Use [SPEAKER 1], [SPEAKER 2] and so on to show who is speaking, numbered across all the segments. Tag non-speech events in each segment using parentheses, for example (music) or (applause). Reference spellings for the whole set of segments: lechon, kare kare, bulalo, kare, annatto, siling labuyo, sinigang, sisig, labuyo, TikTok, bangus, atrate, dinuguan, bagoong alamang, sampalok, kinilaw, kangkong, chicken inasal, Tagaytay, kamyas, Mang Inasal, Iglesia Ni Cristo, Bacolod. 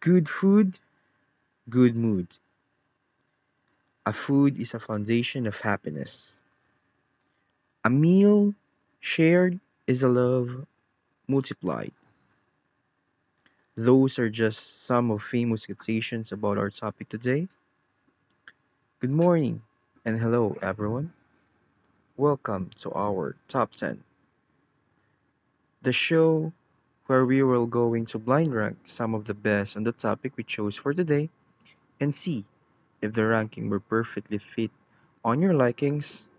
[SPEAKER 1] Good food, good mood. A food is a foundation of happiness. A meal shared is a love multiplied. Those are just some of famous quotations about our topic today. Good morning and hello everyone. Welcome to our top 10, the show where we will going to blind rank some of the best on the topic we chose for today and see if the ranking will perfectly fit on your likings.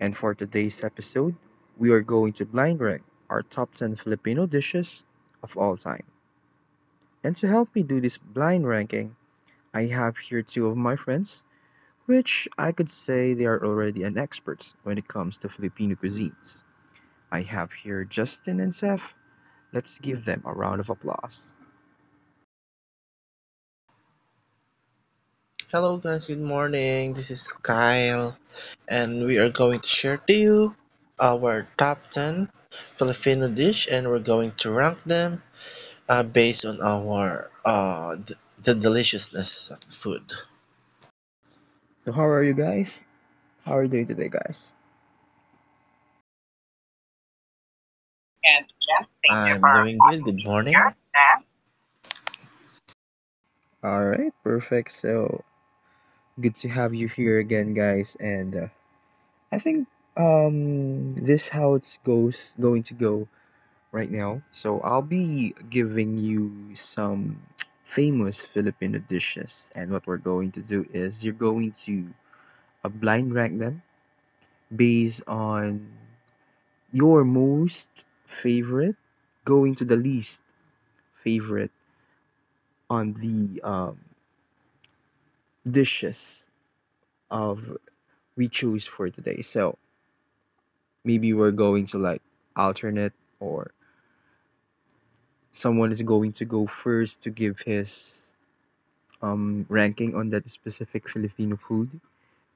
[SPEAKER 1] And for today's episode, we are going to blind rank our top 10 Filipino dishes of all time. And to help me do this blind ranking, I have here two of my friends, which I could say they are already an experts when it comes to Filipino cuisines. I have here Justin and Seth. Let's give them a round of applause.
[SPEAKER 2] Hello guys, good morning. This is Kyle and we are going to share to you our top 10 Filipino dish and we're going to rank them based on our the deliciousness of the food.
[SPEAKER 1] So, how are you guys? How are you doing today, guys?
[SPEAKER 2] And yes, thank you, I'm for doing good. Good morning here. And
[SPEAKER 1] All right, perfect. So, good to have you here again, guys. And I think this how it's goes going to go right now. So I'll be giving you some (tsk) famous Filipino dishes, and what we're going to do is you're going to blind rank them based on your most favorite going to the least favorite on the dishes of we choose for today. So maybe we're going to like alternate, or someone is going to go first to give his ranking on that specific Filipino food.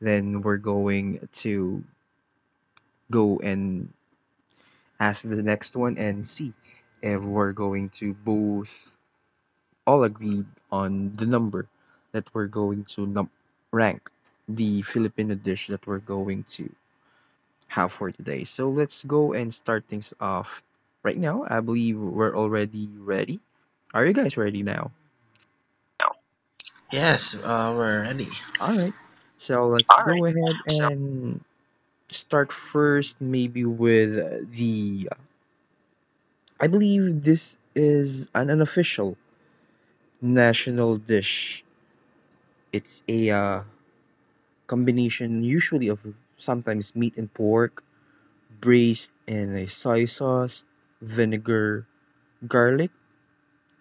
[SPEAKER 1] Then we're going to go and ask the next one and see if we're going to both all agree on the number that we're going to rank the Filipino dish that we're going to have for today. So let's go and start things off right now. I believe we're already ready. Are you guys ready now?
[SPEAKER 2] yes, we're ready.
[SPEAKER 1] All right. So let's
[SPEAKER 2] All
[SPEAKER 1] go
[SPEAKER 2] right,
[SPEAKER 1] ahead
[SPEAKER 2] so
[SPEAKER 1] and start first, maybe with the. I believe this is an unofficial national dish. It's a combination, usually of sometimes meat and pork, braised in a soy sauce, vinegar, garlic,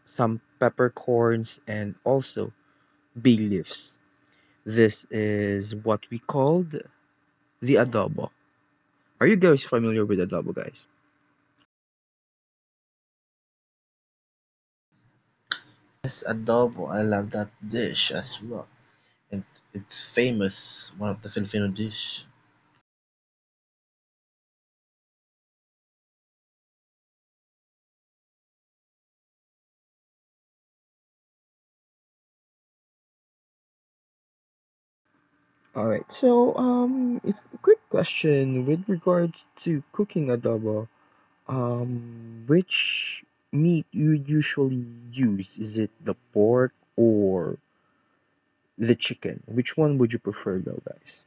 [SPEAKER 1] some peppercorns, and also bay leaves. This is what we called the adobo. Are you guys familiar with adobo, guys?
[SPEAKER 2] Yes, adobo. I love that dish as well. It, it's famous, one of the Filipino dish.
[SPEAKER 1] All right. So, if, quick question with regards to cooking adobo. Which meat you usually use? Is it the pork or the chicken? Which one would you prefer, though, guys?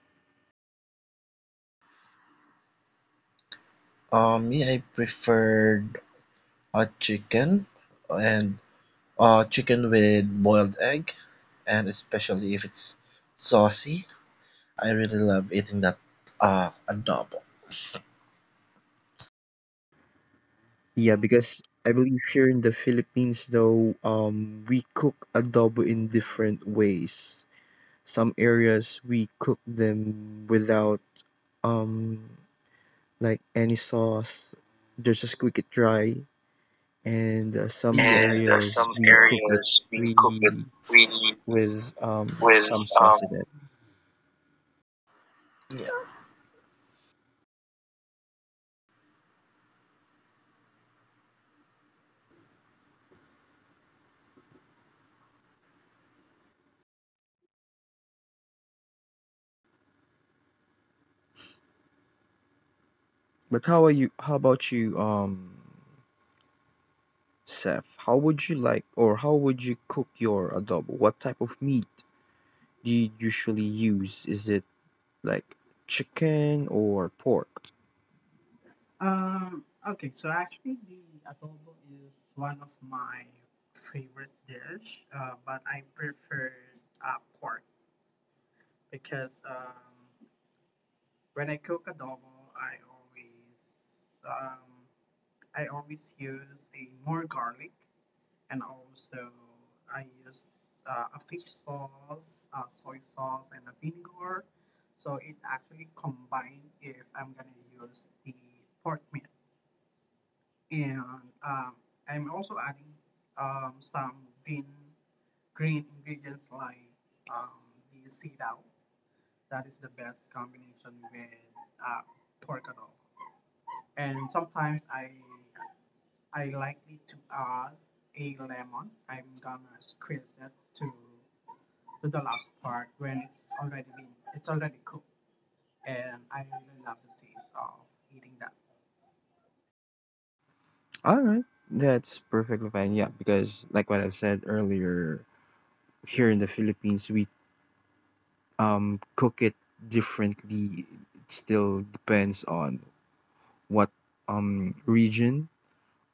[SPEAKER 2] Yeah, I prefer a chicken and a chicken with boiled egg and especially if it's saucy. I really love eating that adobo.
[SPEAKER 1] Yeah, because I believe here in the Philippines, though, we cook adobo in different ways. Some areas we cook them without um like any sauce. They just quick it dry. And some
[SPEAKER 2] And yes.
[SPEAKER 1] areas
[SPEAKER 2] Some
[SPEAKER 1] we cook it
[SPEAKER 2] areas we cook it
[SPEAKER 1] we
[SPEAKER 2] we
[SPEAKER 1] with
[SPEAKER 2] with
[SPEAKER 1] some
[SPEAKER 2] um,
[SPEAKER 1] sauce in it.
[SPEAKER 2] yeah.
[SPEAKER 1] But how are you? How about you, Seth? How would you like, or how would you cook your adobo? What type of meat do you usually use? Is it like chicken or pork?
[SPEAKER 3] Okay, so actually the adobo is one of my favorite dish, but I prefer pork because when I cook adobo, I always um, I always use a more garlic, and also I use a fish sauce, soy sauce, and a vinegar. So it actually combined if I'm gonna use the pork meat. And um, I'm also adding some green green ingredients like um, the seed owl. That is the best combination with uh, pork at all. And sometimes I likely to add a lemon. I'm gonna squeeze it to to the last part when it's already cooked. And I really love the taste of eating that.
[SPEAKER 1] All right, that's perfectly fine. Yeah, because like what I said earlier, here in the Philippines, we cook it differently. It still depends on what region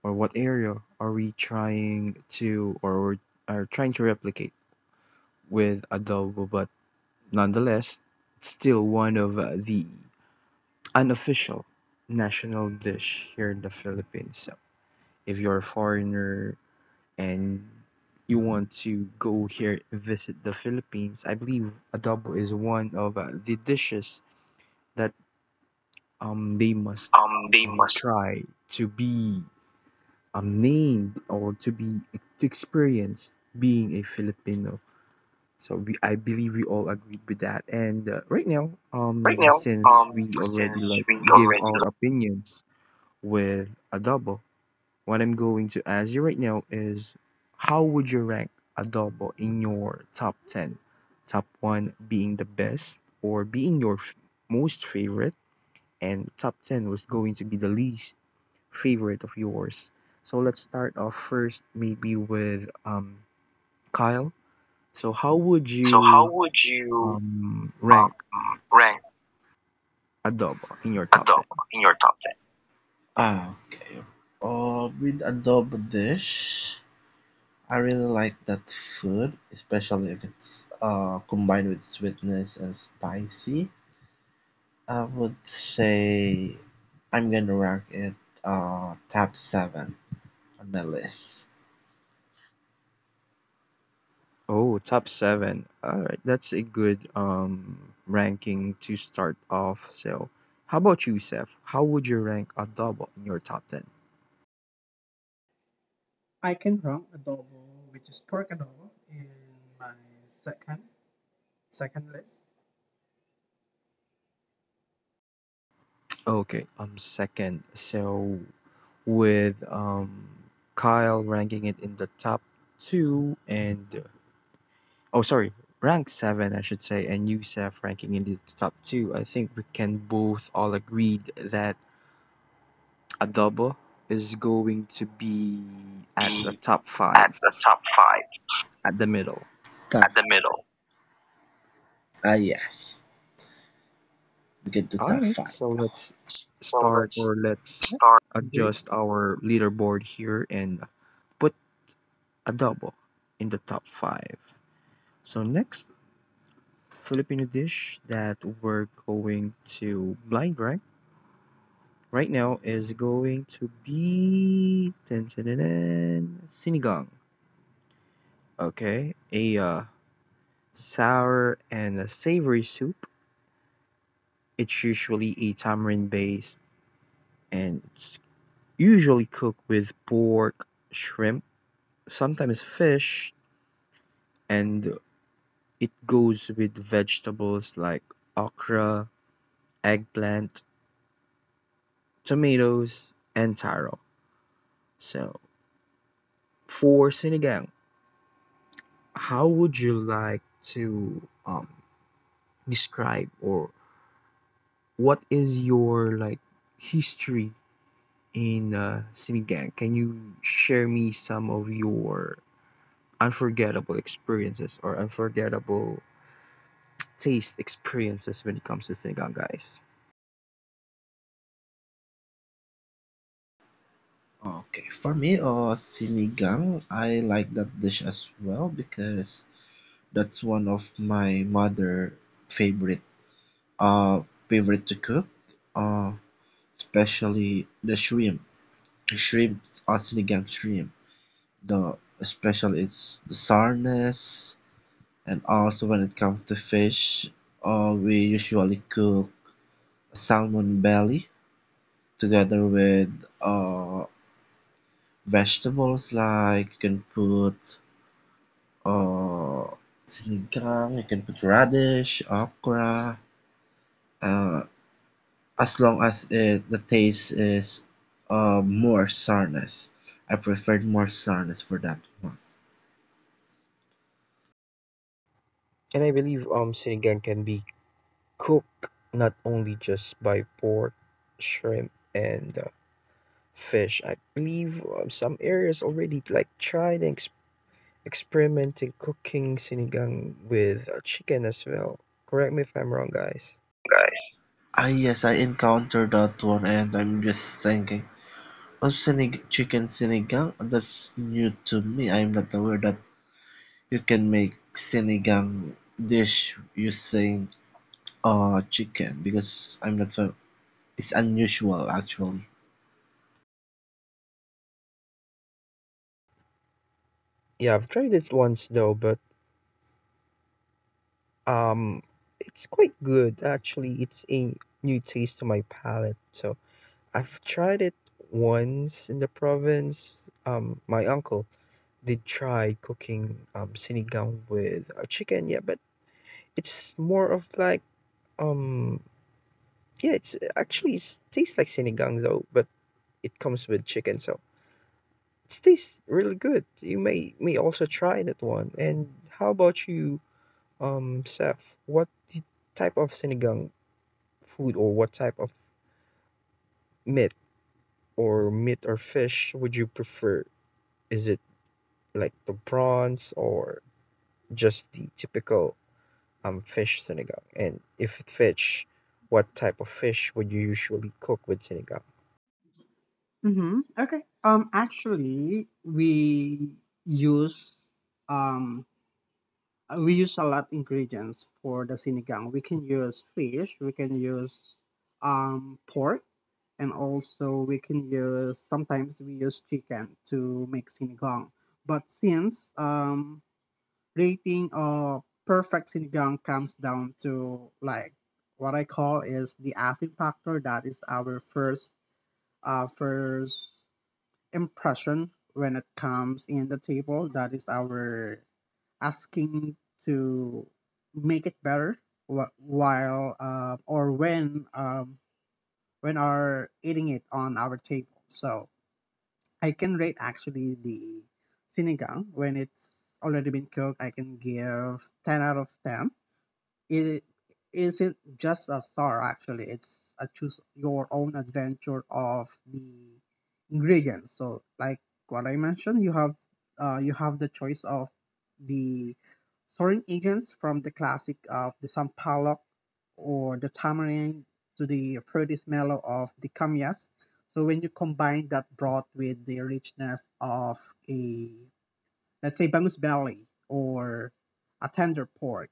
[SPEAKER 1] or what area are we trying to, or are trying to replicate with adobo, but nonetheless it's still one of the unofficial national dish here in the Philippines. So if you're a foreigner and you want to go here visit the Philippines, I believe adobo is one of the dishes that they must
[SPEAKER 2] They must
[SPEAKER 1] try to be named, or to be to experience being a Filipino. So we, I believe we all agreed with that. And right now,
[SPEAKER 2] right now yeah.
[SPEAKER 1] since we already
[SPEAKER 2] Since
[SPEAKER 1] like
[SPEAKER 2] we
[SPEAKER 1] give
[SPEAKER 2] already
[SPEAKER 1] our opinions with adobo, what I'm going to ask you right now is, how would you rank adobo in your top ten? Top one being the best, or being your most favorite, and top ten was going to be the least favorite of yours. So let's start off first, maybe with Kyle. So how would
[SPEAKER 2] so how
[SPEAKER 1] you
[SPEAKER 2] would you
[SPEAKER 1] rank
[SPEAKER 2] um rank
[SPEAKER 1] adobo in your top
[SPEAKER 2] adobo
[SPEAKER 1] ten?
[SPEAKER 2] in your top 10. Okay. With adobo dish. I really like that food, especially if it's combined with sweetness and spicy. I would say I'm gonna rank it top seven on my list.
[SPEAKER 1] Oh, top seven. All right, that's a good ranking to start off. So how about you, Seth? How would you rank adobo in your top ten?
[SPEAKER 3] I can run adobo, which is pork adobo, in my second second list.
[SPEAKER 1] Okay, second. So with Kyle ranking it in the top two, and oh, sorry, rank seven, I should say, and Youssef ranking in the top two, I think we can both all agreed that Adobo is going to be at the
[SPEAKER 2] Be
[SPEAKER 1] top
[SPEAKER 2] at
[SPEAKER 1] five,
[SPEAKER 2] the top five.
[SPEAKER 1] at the middle.
[SPEAKER 2] Top, at the middle. Yes, we can do
[SPEAKER 1] All
[SPEAKER 2] top
[SPEAKER 1] right,
[SPEAKER 2] five.
[SPEAKER 1] so let's
[SPEAKER 2] So
[SPEAKER 1] start
[SPEAKER 2] let's
[SPEAKER 1] or let's
[SPEAKER 2] start.
[SPEAKER 3] Agree.
[SPEAKER 1] adjust our leaderboard here and put Adobo in the top five. So next Filipino dish that we're going to blind right now is going to be dun, dun, dun, dun, sinigang. Okay, a sour and a savory soup. It's usually a tamarind based, and it's usually cooked with pork, shrimp, sometimes fish, and it goes with vegetables like okra, eggplant, tomatoes, and taro. So for sinigang, how would you like to describe, or what is your like history in sinigang? Can you share me some of your unforgettable experiences or unforgettable taste experiences when it comes to sinigang, guys?
[SPEAKER 2] Okay, for me, sinigang, I like that dish as well because that's one of my mother favorite uh, favorite to cook, uh, especially the shrimp. Shrimps, Asinigang shrimp. The especially it's the sourness, and also when it comes to fish, we usually cook salmon belly together with uh, vegetables like you can put uh, sinigang, you can put radish, okra, uh, as long as the taste is more sourness. I preferred more sourness for that one,
[SPEAKER 1] And I believe sinigang can be cooked not only just by pork, shrimp, and fish. I believe some areas already like try and experimenting cooking sinigang with chicken as well. Correct me if I'm wrong, guys.
[SPEAKER 2] guys. Yes, I encountered that one and I'm just thinking, oh sinig chicken sinigang, that's new to me. I'm not aware that you can make sinigang dish using chicken because I'm not fam- it's unusual actually.
[SPEAKER 1] Yeah, I've tried it once though, but um, it's quite good actually. It's a new taste to my palate. So I've tried it once in the province. My uncle did try cooking sinigang with chicken. Yeah, but it's more of like um yeah, it's actually it tastes like sinigang though, but it comes with chicken. So it tastes really good. You may also try that one. And how about you, Seth? What type of sinigang food, or what type of meat or fish would you prefer? Is it like the prawns or just the typical fish sinigang? And if fish, what type of fish would you usually cook with sinigang?
[SPEAKER 3] Mm-hmm. Okay. Actually, use um we use a lot ingredients for the sinigang. We can use fish. We can use pork, and also we can use sometimes we use chicken to make sinigang. But since rating of perfect sinigang comes down to like what I call is the acid factor. That is our first first impression when it comes in the table. That is our asking to make it better while or when are eating it on our table. So I can rate actually the sinigang when it's already been cooked. I can give 10 out of 10 it isn't just a star. Actually, it's a choose your own adventure of the ingredients. So like what I mentioned, you have the choice of the storing agents from the classic of the sampalok or the tamarind to the fruity smell of the kamyas. So when you combine that broth with the richness of a, let's say, bangus belly or a tender pork,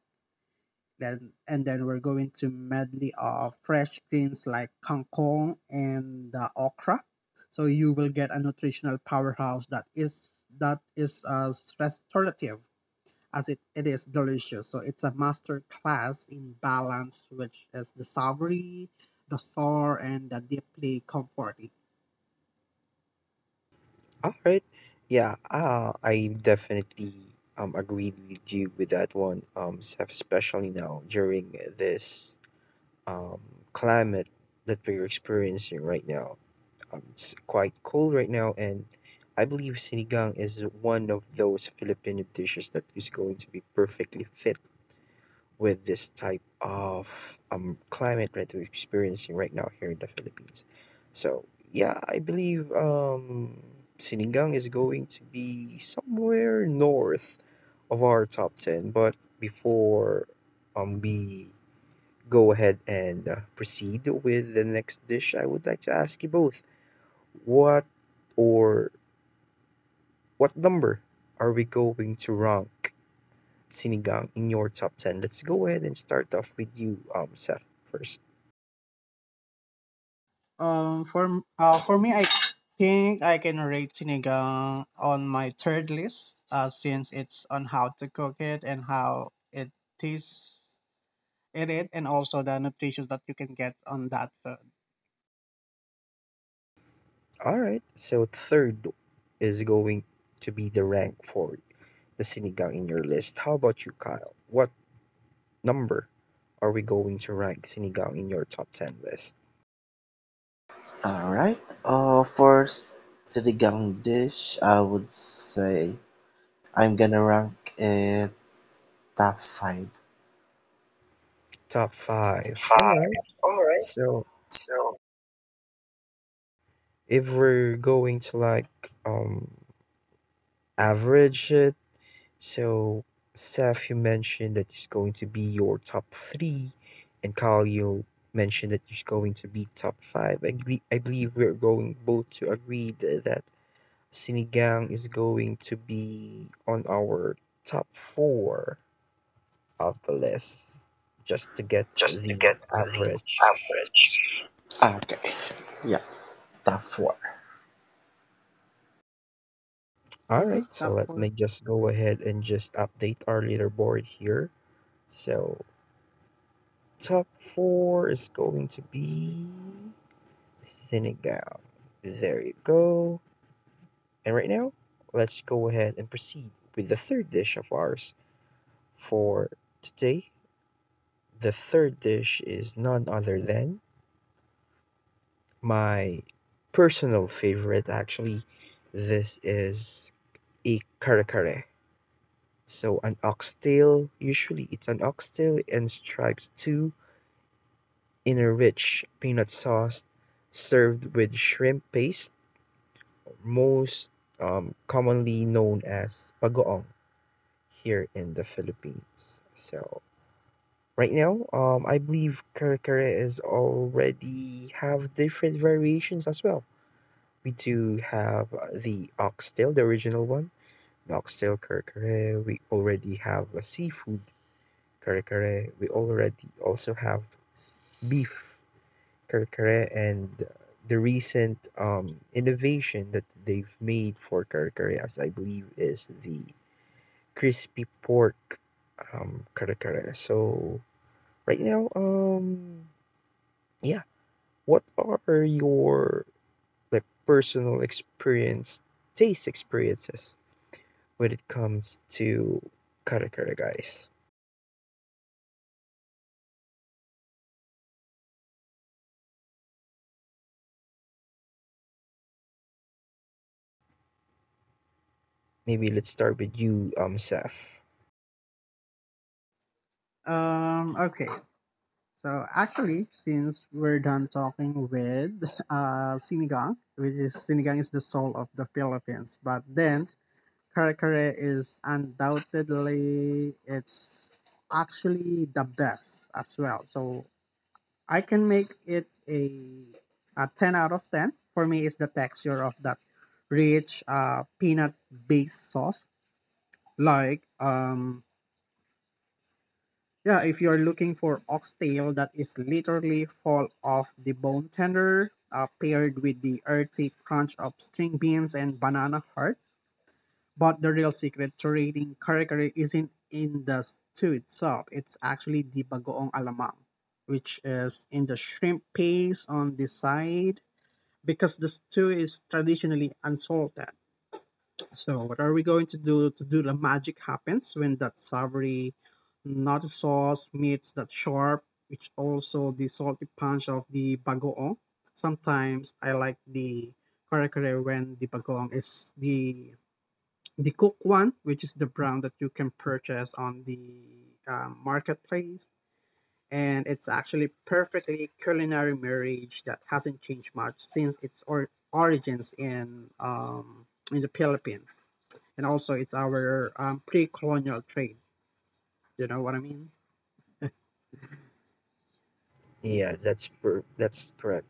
[SPEAKER 3] then and then we're going to medley of fresh greens like kangkong and the okra. So you will get a nutritional powerhouse that is as restorative as it is delicious. So it's a master class in balance, which is the savory, the sour, and the deeply comforting.
[SPEAKER 1] All right. Yeah, I definitely agreed with you with that one, Seth, especially now during this um climate that we're experiencing right now. It's quite cold right now, and I believe sinigang is one of those Filipino dishes that is going to be perfectly fit with this type of climate that we're experiencing right now here in the Philippines. So, yeah, I believe Sinigang is going to be somewhere north of our top 10. But before we go ahead and proceed with the next dish, I would like to ask you both what, or what number are we going to rank sinigang in your top 10? Let's go ahead and start off with you, Seth, first.
[SPEAKER 3] For me, I think I can rate sinigang on my third list, since it's on how to cook it and how it tastes in it, and also the nutrition that you can get on that food.
[SPEAKER 1] All right. So, third is going to be the rank for the sinigang in your list. How about you, Kyle? What number are we going to rank sinigang in your top 10 list?
[SPEAKER 2] All right. For sinigang dish, I would say I'm gonna rank it top five.
[SPEAKER 1] Top five. All
[SPEAKER 2] Five.
[SPEAKER 1] right.
[SPEAKER 2] All right.
[SPEAKER 1] So,
[SPEAKER 2] So
[SPEAKER 1] if we're going to like um, average it, so, Seth, you mentioned that is going to be your top three, and Kyle, you mentioned that is going to be top five. I believe we're going both to agree that Sinigang is going to be on our top four of the list, just to get
[SPEAKER 2] just to
[SPEAKER 1] the
[SPEAKER 2] get the
[SPEAKER 1] average.
[SPEAKER 2] average. Okay, yeah, top four.
[SPEAKER 1] All
[SPEAKER 3] Okay,
[SPEAKER 1] right, so
[SPEAKER 3] top
[SPEAKER 1] let
[SPEAKER 3] four.
[SPEAKER 1] me just go ahead and just update our leaderboard here. So, top four is going to be Senegal. There you go. And right now, let's go ahead and proceed with the third dish of ours for today. The third dish is none other than my personal favorite, actually. This is a kare kare. So, an oxtail, usually it's an oxtail and stripes too, in a rich peanut sauce served with shrimp paste, most commonly known as bagoong here in the Philippines. So right now, I believe kare kare is already have different variations as well. We do have the oxtail, the original one, the oxtail kare kare. We already have a seafood kare kare. We already also have beef Karkare, and the recent innovation that they've made for Karkare, as I believe, is the crispy pork Karkare. So, right now, yeah, what are your like personal experience, taste experiences when it comes to Karkare, guys? Maybe let's start with you, Seth.
[SPEAKER 3] Um, okay. So actually, since we're done talking with (laughs) sinigang, which is sinigang is the soul of the Philippines, but then Kare is undoubtedly it's actually the best as well. So I can make it a 10 out of 10. For me is the texture of that rich peanut based sauce. Like yeah, if you're looking for oxtail that is literally fall off the bone tender, paired with the earthy crunch of string beans and banana heart. But the real secret to rating kare isn't in the stew itself, it's actually the bagoong alamang, which is in the shrimp paste on the side, because the stew is traditionally unsalted. So what are we going to do the magic happens when that savory nut sauce meets that sharp, which also the salty punch of the bagoong? Sometimes I like the kare-kare when the bagoong is the cook one, which is the brown that you can purchase on the marketplace, and it's actually perfectly culinary marriage that hasn't changed much since its origins in the Philippines, and also it's our pre-colonial trade. You know what I mean?
[SPEAKER 1] Yeah, that's correct.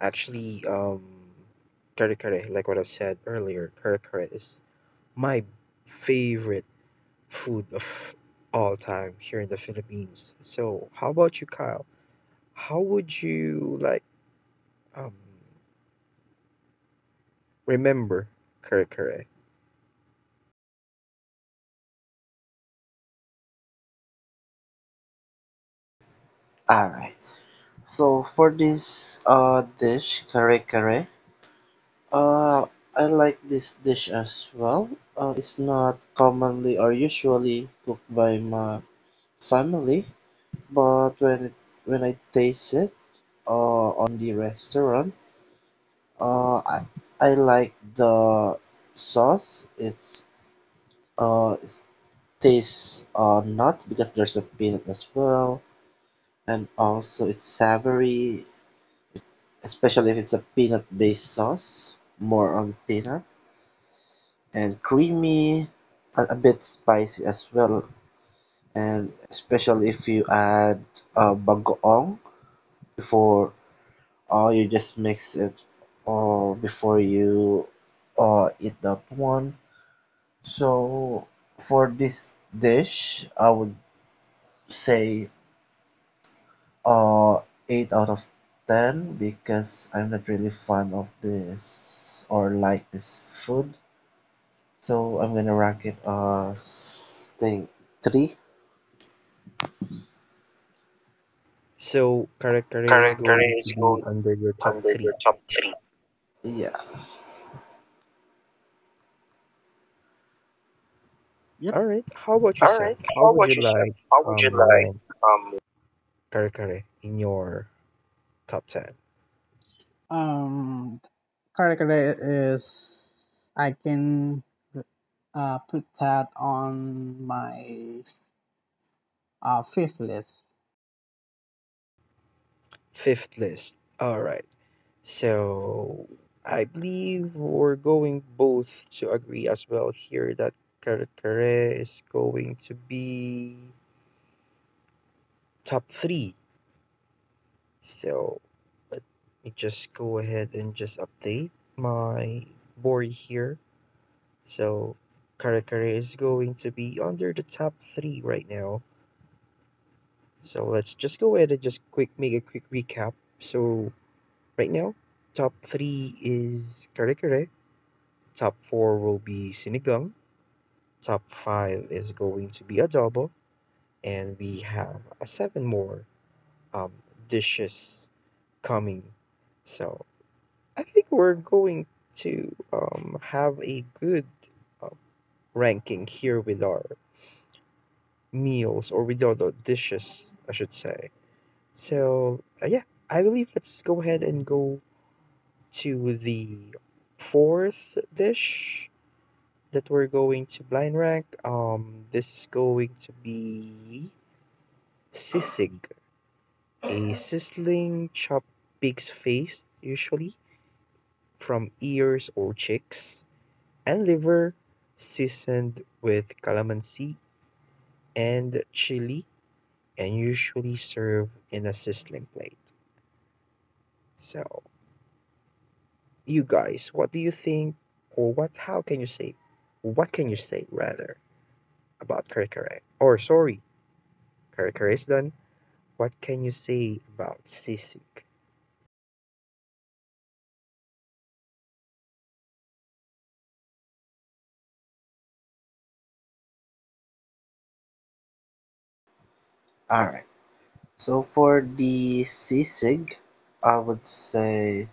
[SPEAKER 1] Actually, kare kare, like what I've said earlier, kare kare is my favorite food of all time here in the Philippines. So, how about you, Kyle? How would you like um remember kare kare?
[SPEAKER 2] Alright, so for this dish, kare kare, uh, I like this dish as well. It's not commonly or usually cooked by my family, but when I taste it on the restaurant, Uh, I, I like the sauce. It tastes nuts because there's a peanut as well, and also it's savory, especially if it's a peanut-based sauce, more on peanut, and creamy, a bit spicy as well, and especially if you add bagoong before, or you just mix it, or before you eat that one. So for this dish, I would say uh 8 out of 10 because I'm not really fan of this or like this food. So I'm gonna rank it as think 3.
[SPEAKER 1] So, kare kare is
[SPEAKER 2] Current
[SPEAKER 1] going to
[SPEAKER 2] is
[SPEAKER 1] be
[SPEAKER 2] going
[SPEAKER 1] under your top
[SPEAKER 2] under your
[SPEAKER 1] three.
[SPEAKER 2] top three. Yeah.
[SPEAKER 3] Yep.
[SPEAKER 1] All right. How about
[SPEAKER 2] All
[SPEAKER 1] yourself?
[SPEAKER 2] right.
[SPEAKER 1] How
[SPEAKER 2] How
[SPEAKER 1] would
[SPEAKER 2] about
[SPEAKER 1] you
[SPEAKER 2] yourself?
[SPEAKER 1] like
[SPEAKER 2] How would you like,
[SPEAKER 1] rank
[SPEAKER 2] um
[SPEAKER 1] kare kare in your top ten?
[SPEAKER 3] Um, curricula is I can put that on my fifth list.
[SPEAKER 1] Fifth list. All right. So I believe we're going both to agree as well here that Karakare is going to be top three. So let me just go ahead and just update my board here. So Karakare is going to be under the top three right now. So let's just go ahead and just quick make a quick recap. So right now, top three is Karakare. Top four will be Sinigang. Top five is going to be adobo, and we have seven more um, dishes coming. So I think we're going to have a good uh, ranking here with our meals or with our the dishes, I should say. So yeah, I believe let's go ahead and go to the fourth dish that we're going to blind rank. This is going to be Sisig, a sizzling chopped pig's face, usually from ears or cheeks, and liver, seasoned with calamansi and chili, and usually served in a sizzling plate. So, you guys, what do you think, or what can you say rather about kare kare? Or, sorry, kare kare is done. What can you say about sisig?
[SPEAKER 2] all right. So for the sisig, I would say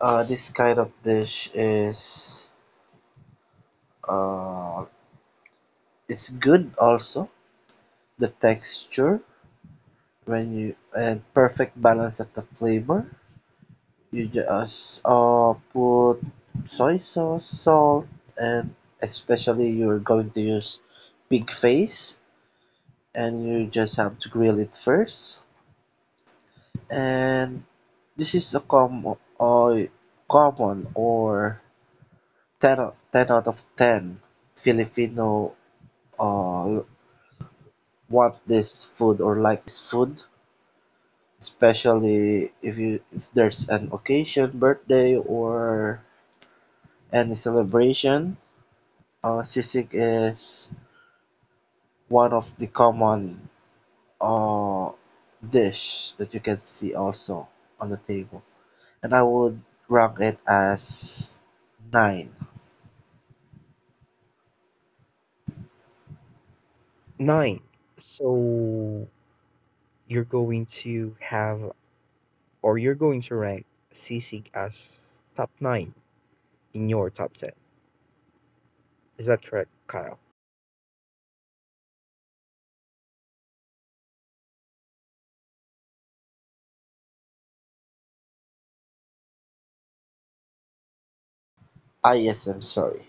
[SPEAKER 2] This kind of dish is uh, it's good also. The texture when you and perfect balance of the flavor. You just put soy sauce, salt, and especially you're going to use pig face, and you just have to grill it first. And this is a common or 10, 10 out of 10 Filipino uh, want this food or like this food, especially if there's an occasion, birthday or any celebration. Sisig is one of the common uh, dish that you can see also on the table, and I would rank it as nine.
[SPEAKER 1] Nine. So, you're going to have or you're going to rank sisig as top 9 in your top 10. Is that correct, Kyle?
[SPEAKER 2] Yes, I'm sorry.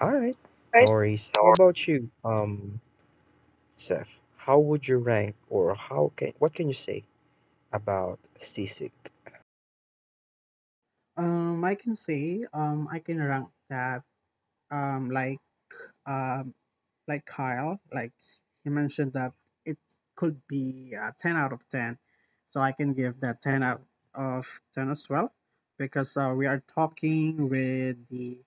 [SPEAKER 1] All right. No worries. How
[SPEAKER 2] Or
[SPEAKER 1] about you, Seth? How would you rank or how can what can you say about sisig?
[SPEAKER 3] I can say, I can rank that, um, like, um, like Kyle, like he mentioned that it could be a 10 out of 10. So I can give that 10 out of 10 as well, because we are talking with the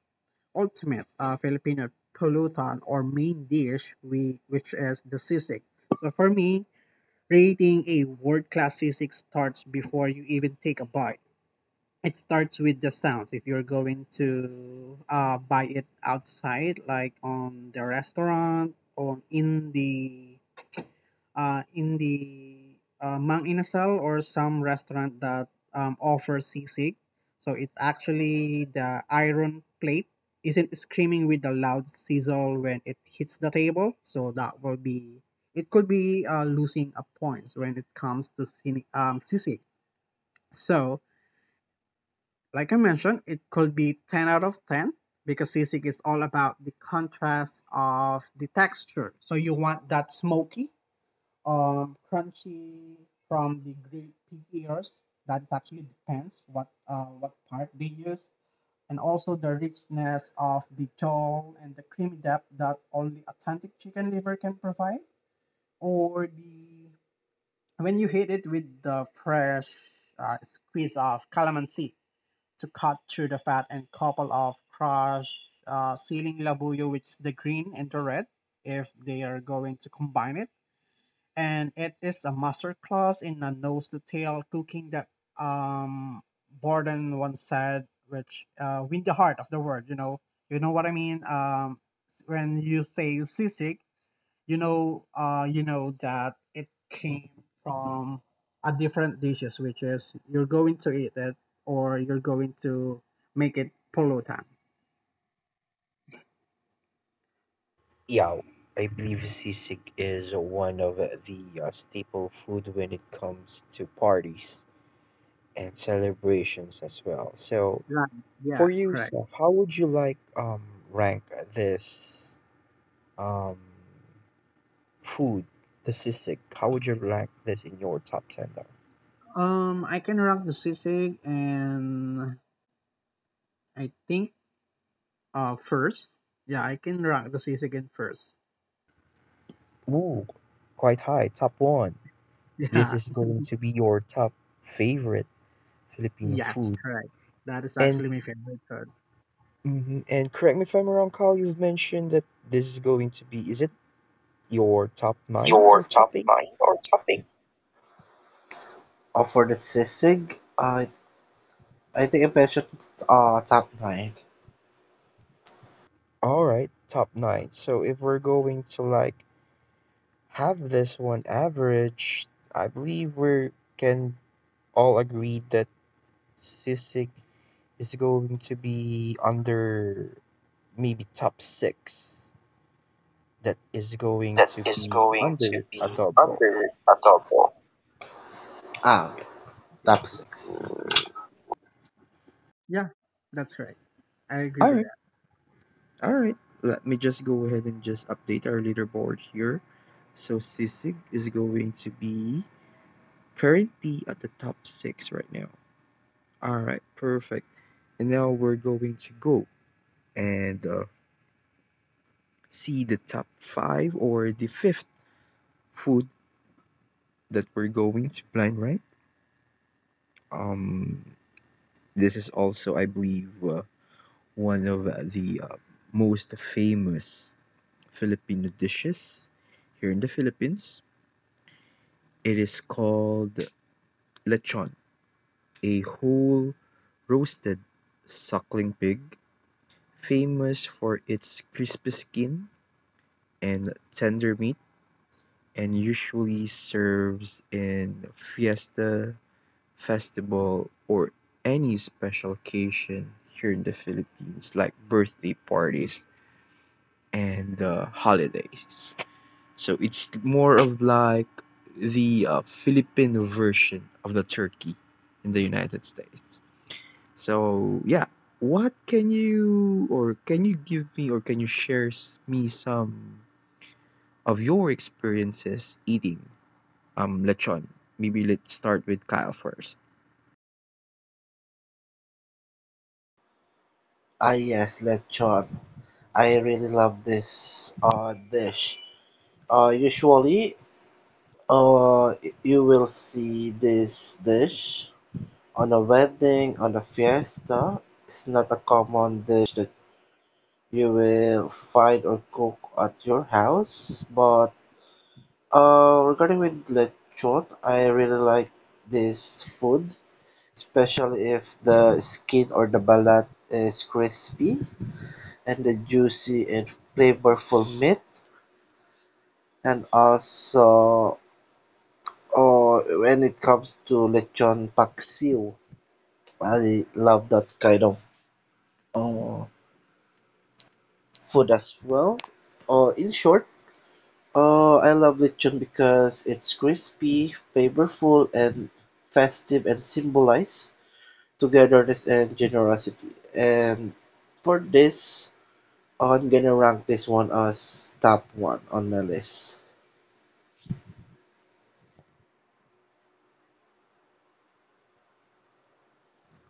[SPEAKER 3] ultimate Filipino pulutan or main dish, which is the sisig. So for me, rating a world-class sisig starts before you even take a bite. It starts with the sounds. If you're going to buy it outside, like on the restaurant or in the Mang Inasal or some restaurant that offers sisig, so it's actually the iron plate isn't screaming with the loud sizzle when it hits the table. So that will be it could be losing a points when it comes to cine, sisig. So like I mentioned, it could be 10 out of 10 because sisig is all about the contrast of the texture. So you want that smoky, crunchy from the grape pig ears. That is actually depends what part they use, and also the richness of the jaw and the creamy depth that only authentic chicken liver can provide, or the when you hit it with the fresh squeeze of calamansi to cut through the fat and couple of crush ceiling labuyo, which is the green and the red, if they are going to combine it. And it is a master class in a nose to tail cooking that um, Borden once said, which win the heart of the word, you know what I mean? When you say sisig, you know that it came from a different dishes, which is you're going to eat it or you're going to make it pulutan,
[SPEAKER 1] Yeah, I believe sisig is one of the staple food when it comes to parties and celebrations as well. So
[SPEAKER 3] right?
[SPEAKER 1] for
[SPEAKER 3] Yeah,
[SPEAKER 1] you,
[SPEAKER 3] correct.
[SPEAKER 1] Seth, how would you like rank this Um, food, the sisig. How would you rank this in your top 10 though?
[SPEAKER 3] I can rank the sisig, and I think first, yeah, I can rank the sisig in first.
[SPEAKER 1] Ooh, quite high. Top one. This
[SPEAKER 3] Yeah.
[SPEAKER 1] is going
[SPEAKER 3] (laughs)
[SPEAKER 1] to be your top favorite Filipino
[SPEAKER 3] Yes,
[SPEAKER 1] food.
[SPEAKER 3] correct. That is
[SPEAKER 1] And
[SPEAKER 3] actually my favorite food.
[SPEAKER 1] correct me if I'm wrong, Carl, you've mentioned that this is going to be, is it your top nine
[SPEAKER 2] your
[SPEAKER 1] or top
[SPEAKER 2] top
[SPEAKER 1] eight?
[SPEAKER 2] nine or topping? For the sisig, I think I mentioned top nine.
[SPEAKER 1] All right, top nine. So if we're going to like have this one average, I believe we can all agree that sisig is going to be under maybe top six that is going
[SPEAKER 2] That
[SPEAKER 1] to
[SPEAKER 2] is
[SPEAKER 1] be
[SPEAKER 2] going to
[SPEAKER 1] under
[SPEAKER 2] be
[SPEAKER 1] adobo.
[SPEAKER 2] under Adobo. Okay. Top six.
[SPEAKER 3] Yeah, that's correct. I agree
[SPEAKER 1] All
[SPEAKER 3] with
[SPEAKER 1] right,
[SPEAKER 3] that.
[SPEAKER 1] all right. Let me just go ahead and just update our leaderboard here. So Sisig is going to be currently at the top six right now. All right, perfect. And now we're going to go and see the top five or the fifth food that we're going to blind rank. Um, this is also, I believe, one of the most famous Filipino dishes here in the Philippines. It is called lechon, a whole roasted suckling pig, famous for its crispy skin and tender meat, and usually serves in fiesta, festival, or any special occasion here in the Philippines, like birthday parties and holidays. So it's more of like the Philippine version of the turkey in the United States. So yeah, what can you or can you give me or can you share me some of your experiences eating lechon? Maybe let's start with Kyle first.
[SPEAKER 2] Yes, lechon. I really love this dish. Usually, uh, you will see this dish on a wedding, on a fiesta. It's not a common dish that you will find or cook at your house. But regarding with lechon, I really like this food, especially if the skin or the balat is crispy and the juicy and flavorful meat. And also, oh, when it comes to lechon paksiw, I love that kind of uh, food as well. In short, I love lechon because it's crispy, flavorful and festive and symbolize togetherness and generosity. And for this I'm gonna rank this one as top one on my list.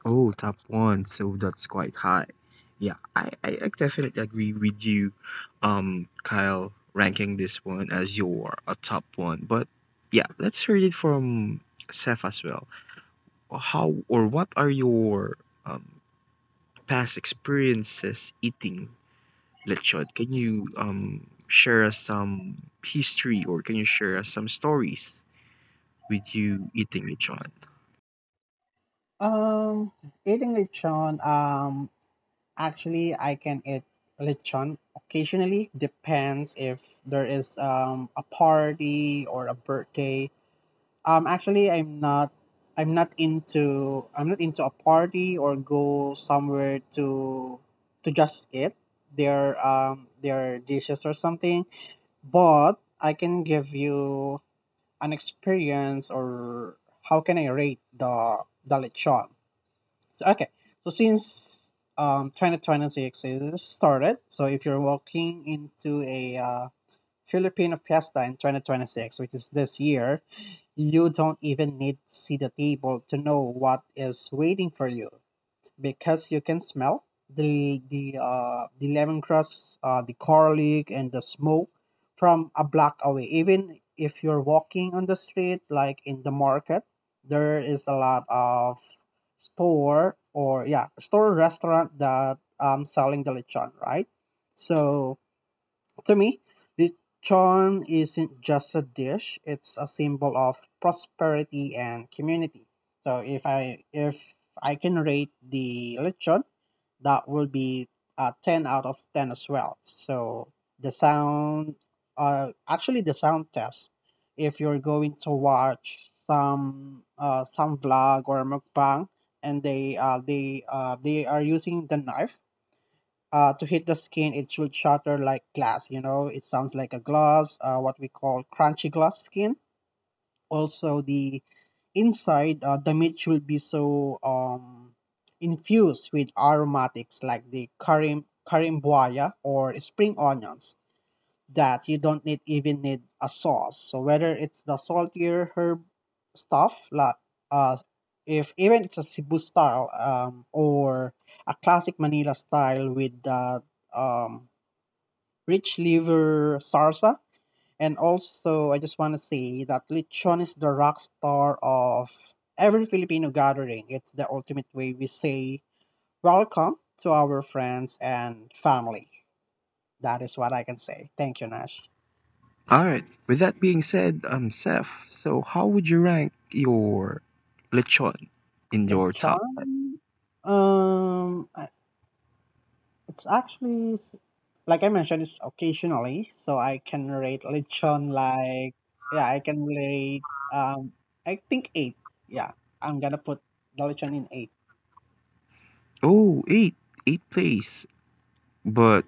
[SPEAKER 1] Oh, top one. So that's quite high. Yeah, I definitely agree with you, Kyle, ranking this one as your a top one. But yeah, let's hear it from Seth as well. Well, how or what are your um, past experiences eating lechon? Can you share us some history or can you share us some stories with you eating lechon?
[SPEAKER 3] Um, eating lechon, actually I can eat lechon occasionally, depends if there is a party or a birthday. Actually I'm not into a party or go somewhere to just eat their dishes or something. But I can give you an experience or how can I rate the lechon. So okay, so since 2026 is started, so if you're walking into a Filipino fiesta in 2026, which is this year, you don't even need to see the table to know what is waiting for you, because you can smell the lemongrass, the garlic, and the smoke from a block away. Even if you're walking on the street, like in the market, there is a lot of store or yeah store restaurant that selling the lechon, right? So to me, lechon isn't just a dish, it's a symbol of prosperity and community. So if I can rate the lechon, that will be a 10 out of 10 as well. So the sound actually the sound test, if you're going to watch some vlog or mukbang and they are using the knife to hit the skin, it should shatter like glass. You know, it sounds like a glass, what we call crunchy glass skin. Also, the inside, the meat should be so infused with aromatics like the karim karimboya or spring onions that you don't need even need a sauce. So whether it's the saltier herb stuff, like uh, if even it's a Cebu style or a classic Manila style with the um, rich liver sarsa, and also I just want to say that lechon is the rock star of every Filipino gathering. It's the ultimate way we say welcome to our friends and family. That is what I can say. Thank you, Nash.
[SPEAKER 1] All right. With that being said, Seth, so how would you rank your lechon in
[SPEAKER 3] The
[SPEAKER 1] your top five?
[SPEAKER 3] charm, um, I- it's actually like I mentioned, it's occasionally, so I can rate lechon like yeah, I can rate um, I think 8. Yeah, I'm gonna put the lechon in 8.
[SPEAKER 1] Oh, eight place. But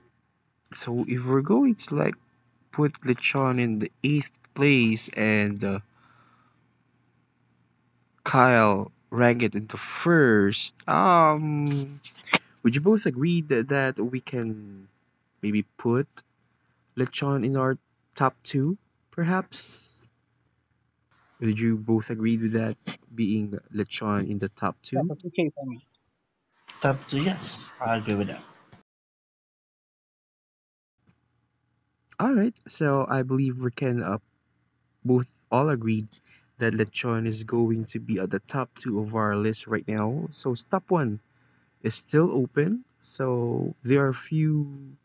[SPEAKER 1] so if we're going to like put lechon in the eighth place and Kyle rank it in the first, would you both agree that we can maybe put lechon in our top two, perhaps? Would you both agree with that being lechon in the top
[SPEAKER 3] Yeah,
[SPEAKER 1] two?
[SPEAKER 3] that's okay for me.
[SPEAKER 2] Top two, yes, I agree with that.
[SPEAKER 1] All right, so I believe we can both all agreed that lechon is going to be at the top two of our list right now. So stop one is still open. So there are few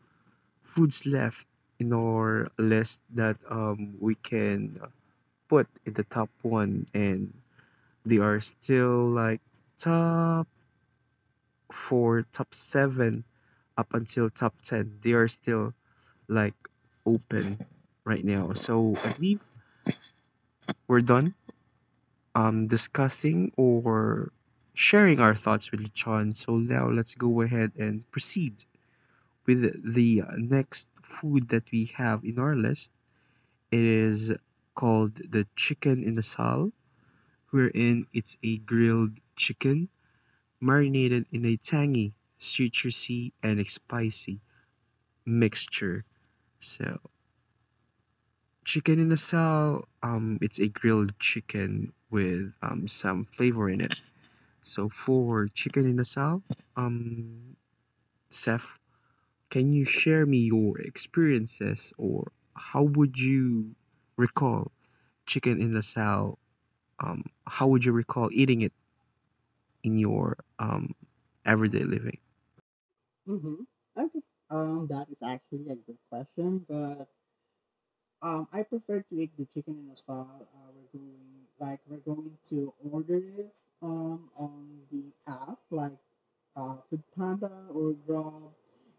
[SPEAKER 1] foods left in our list that we can put in the top one, and they are still like top four, top seven, up until top ten. They are still like open right now. So I believe we're done discussing or sharing our thoughts with John. So now let's go ahead and proceed with the next food that we have in our list. It is called the chicken in the sal, wherein it's a grilled chicken marinated in a tangy, citrusy, and spicy mixture. So Chicken in a cell, it's a grilled chicken with some flavor in it. So for chicken in a cell, um, Seth, can you share me your experiences or how would you recall chicken in a cell? How would you recall eating it in your everyday living?
[SPEAKER 3] Mm-hmm. Okay. That is actually a good question, but I prefer to eat the chicken in a style. We're going like we're going to order it on the app like Food Panda or Grab.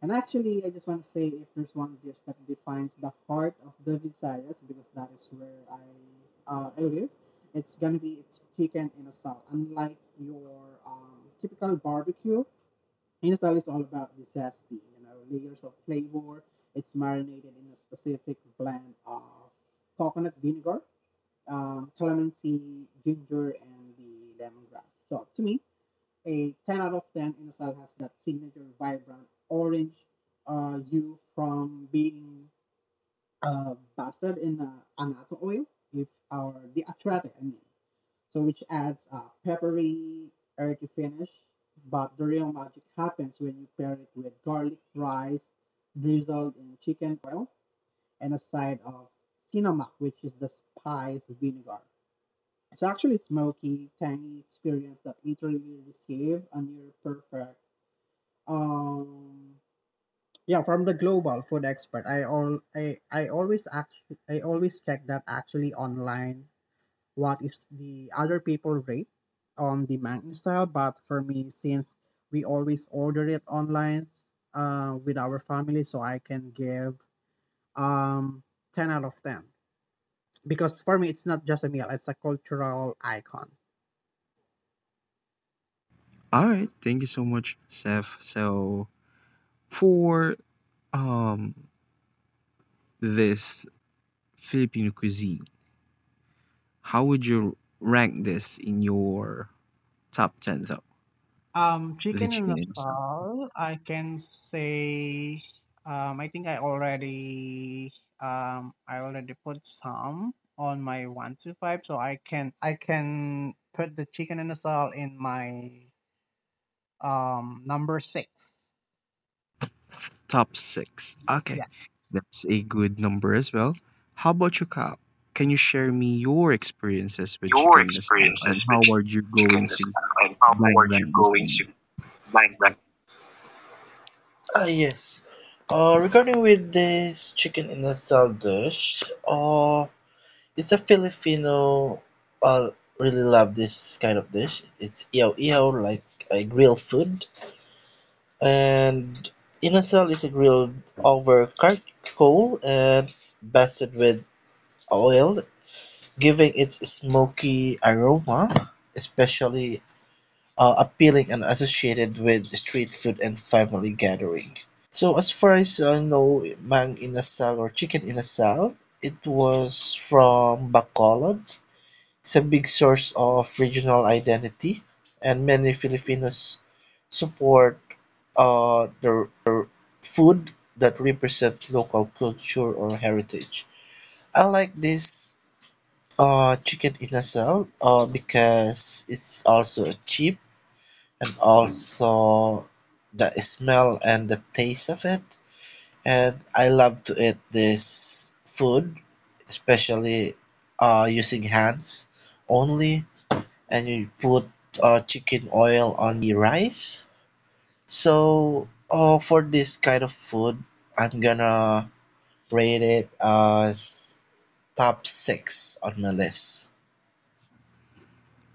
[SPEAKER 3] And actually, I just want to say if there's one dish that defines the heart of the Visayas, because that is where I live, it's gonna be it's chicken in a sal. Unlike your typical barbecue, in a sal is all about the zesty, you know, layers of flavor. It's marinated in a specific blend of coconut vinegar, calamansi, ginger, and the lemongrass. So to me, a 10 out of 10 and Asal has that signature vibrant orange hue from being basted in annatto oil, if our the atrate, I mean. So which adds a peppery, earthy finish. But the real magic happens when you pair it with garlic rice drizzled in chicken oil and a side of cinnamon, which is the spice vinegar. It's actually a smoky, tangy experience that literally receive a near perfect um yeah from the global food expert. I always check that actually online what is the other people rate on the mountain style. But for me, since we always order it online with our family, so I can give um 10 out of 10 because for me, it's not just a meal, it's a cultural icon.
[SPEAKER 1] All right, thank you so much, Seth. So for um, this Filipino cuisine. How would you rank this in your top 10 though? The
[SPEAKER 3] Chicken in
[SPEAKER 1] chicken
[SPEAKER 3] a
[SPEAKER 1] in the
[SPEAKER 3] stall, I can say, I think I already put some on my 1, 2, 5, so I can put the chicken in a stall in my number six.
[SPEAKER 1] top 6. Okay.
[SPEAKER 3] Yeah,
[SPEAKER 1] That's a good number as well. How about you, Kyle? Can you share me your experiences with
[SPEAKER 2] Your
[SPEAKER 1] chicken in the and
[SPEAKER 2] experiences with
[SPEAKER 1] how are you going
[SPEAKER 2] chicken is,
[SPEAKER 1] to
[SPEAKER 2] and how
[SPEAKER 1] blind
[SPEAKER 2] are
[SPEAKER 1] rank
[SPEAKER 2] you
[SPEAKER 1] this
[SPEAKER 2] going
[SPEAKER 1] one?
[SPEAKER 2] to blank that? Yes. Regarding with this chicken in a cell dish, uh, it's a Filipino. I really love this kind of dish. It's iao iao, like a grilled food, and inasal is a grilled over charcoal and basted with oil, giving its smoky aroma, especially appealing and associated with street food and family gathering. So as far as I know, mang inasal or chicken inasal, it was from Bacolod. It's a big source of regional identity, and many Filipinos support the food that represent local culture or heritage. I like this. Chicken in a cell, because it's also cheap and also the smell and the taste of it. And I love to eat this food, especially using hands only. And you put chicken oil on the rice. So, for this kind of food, I'm gonna rate it as top six on my list.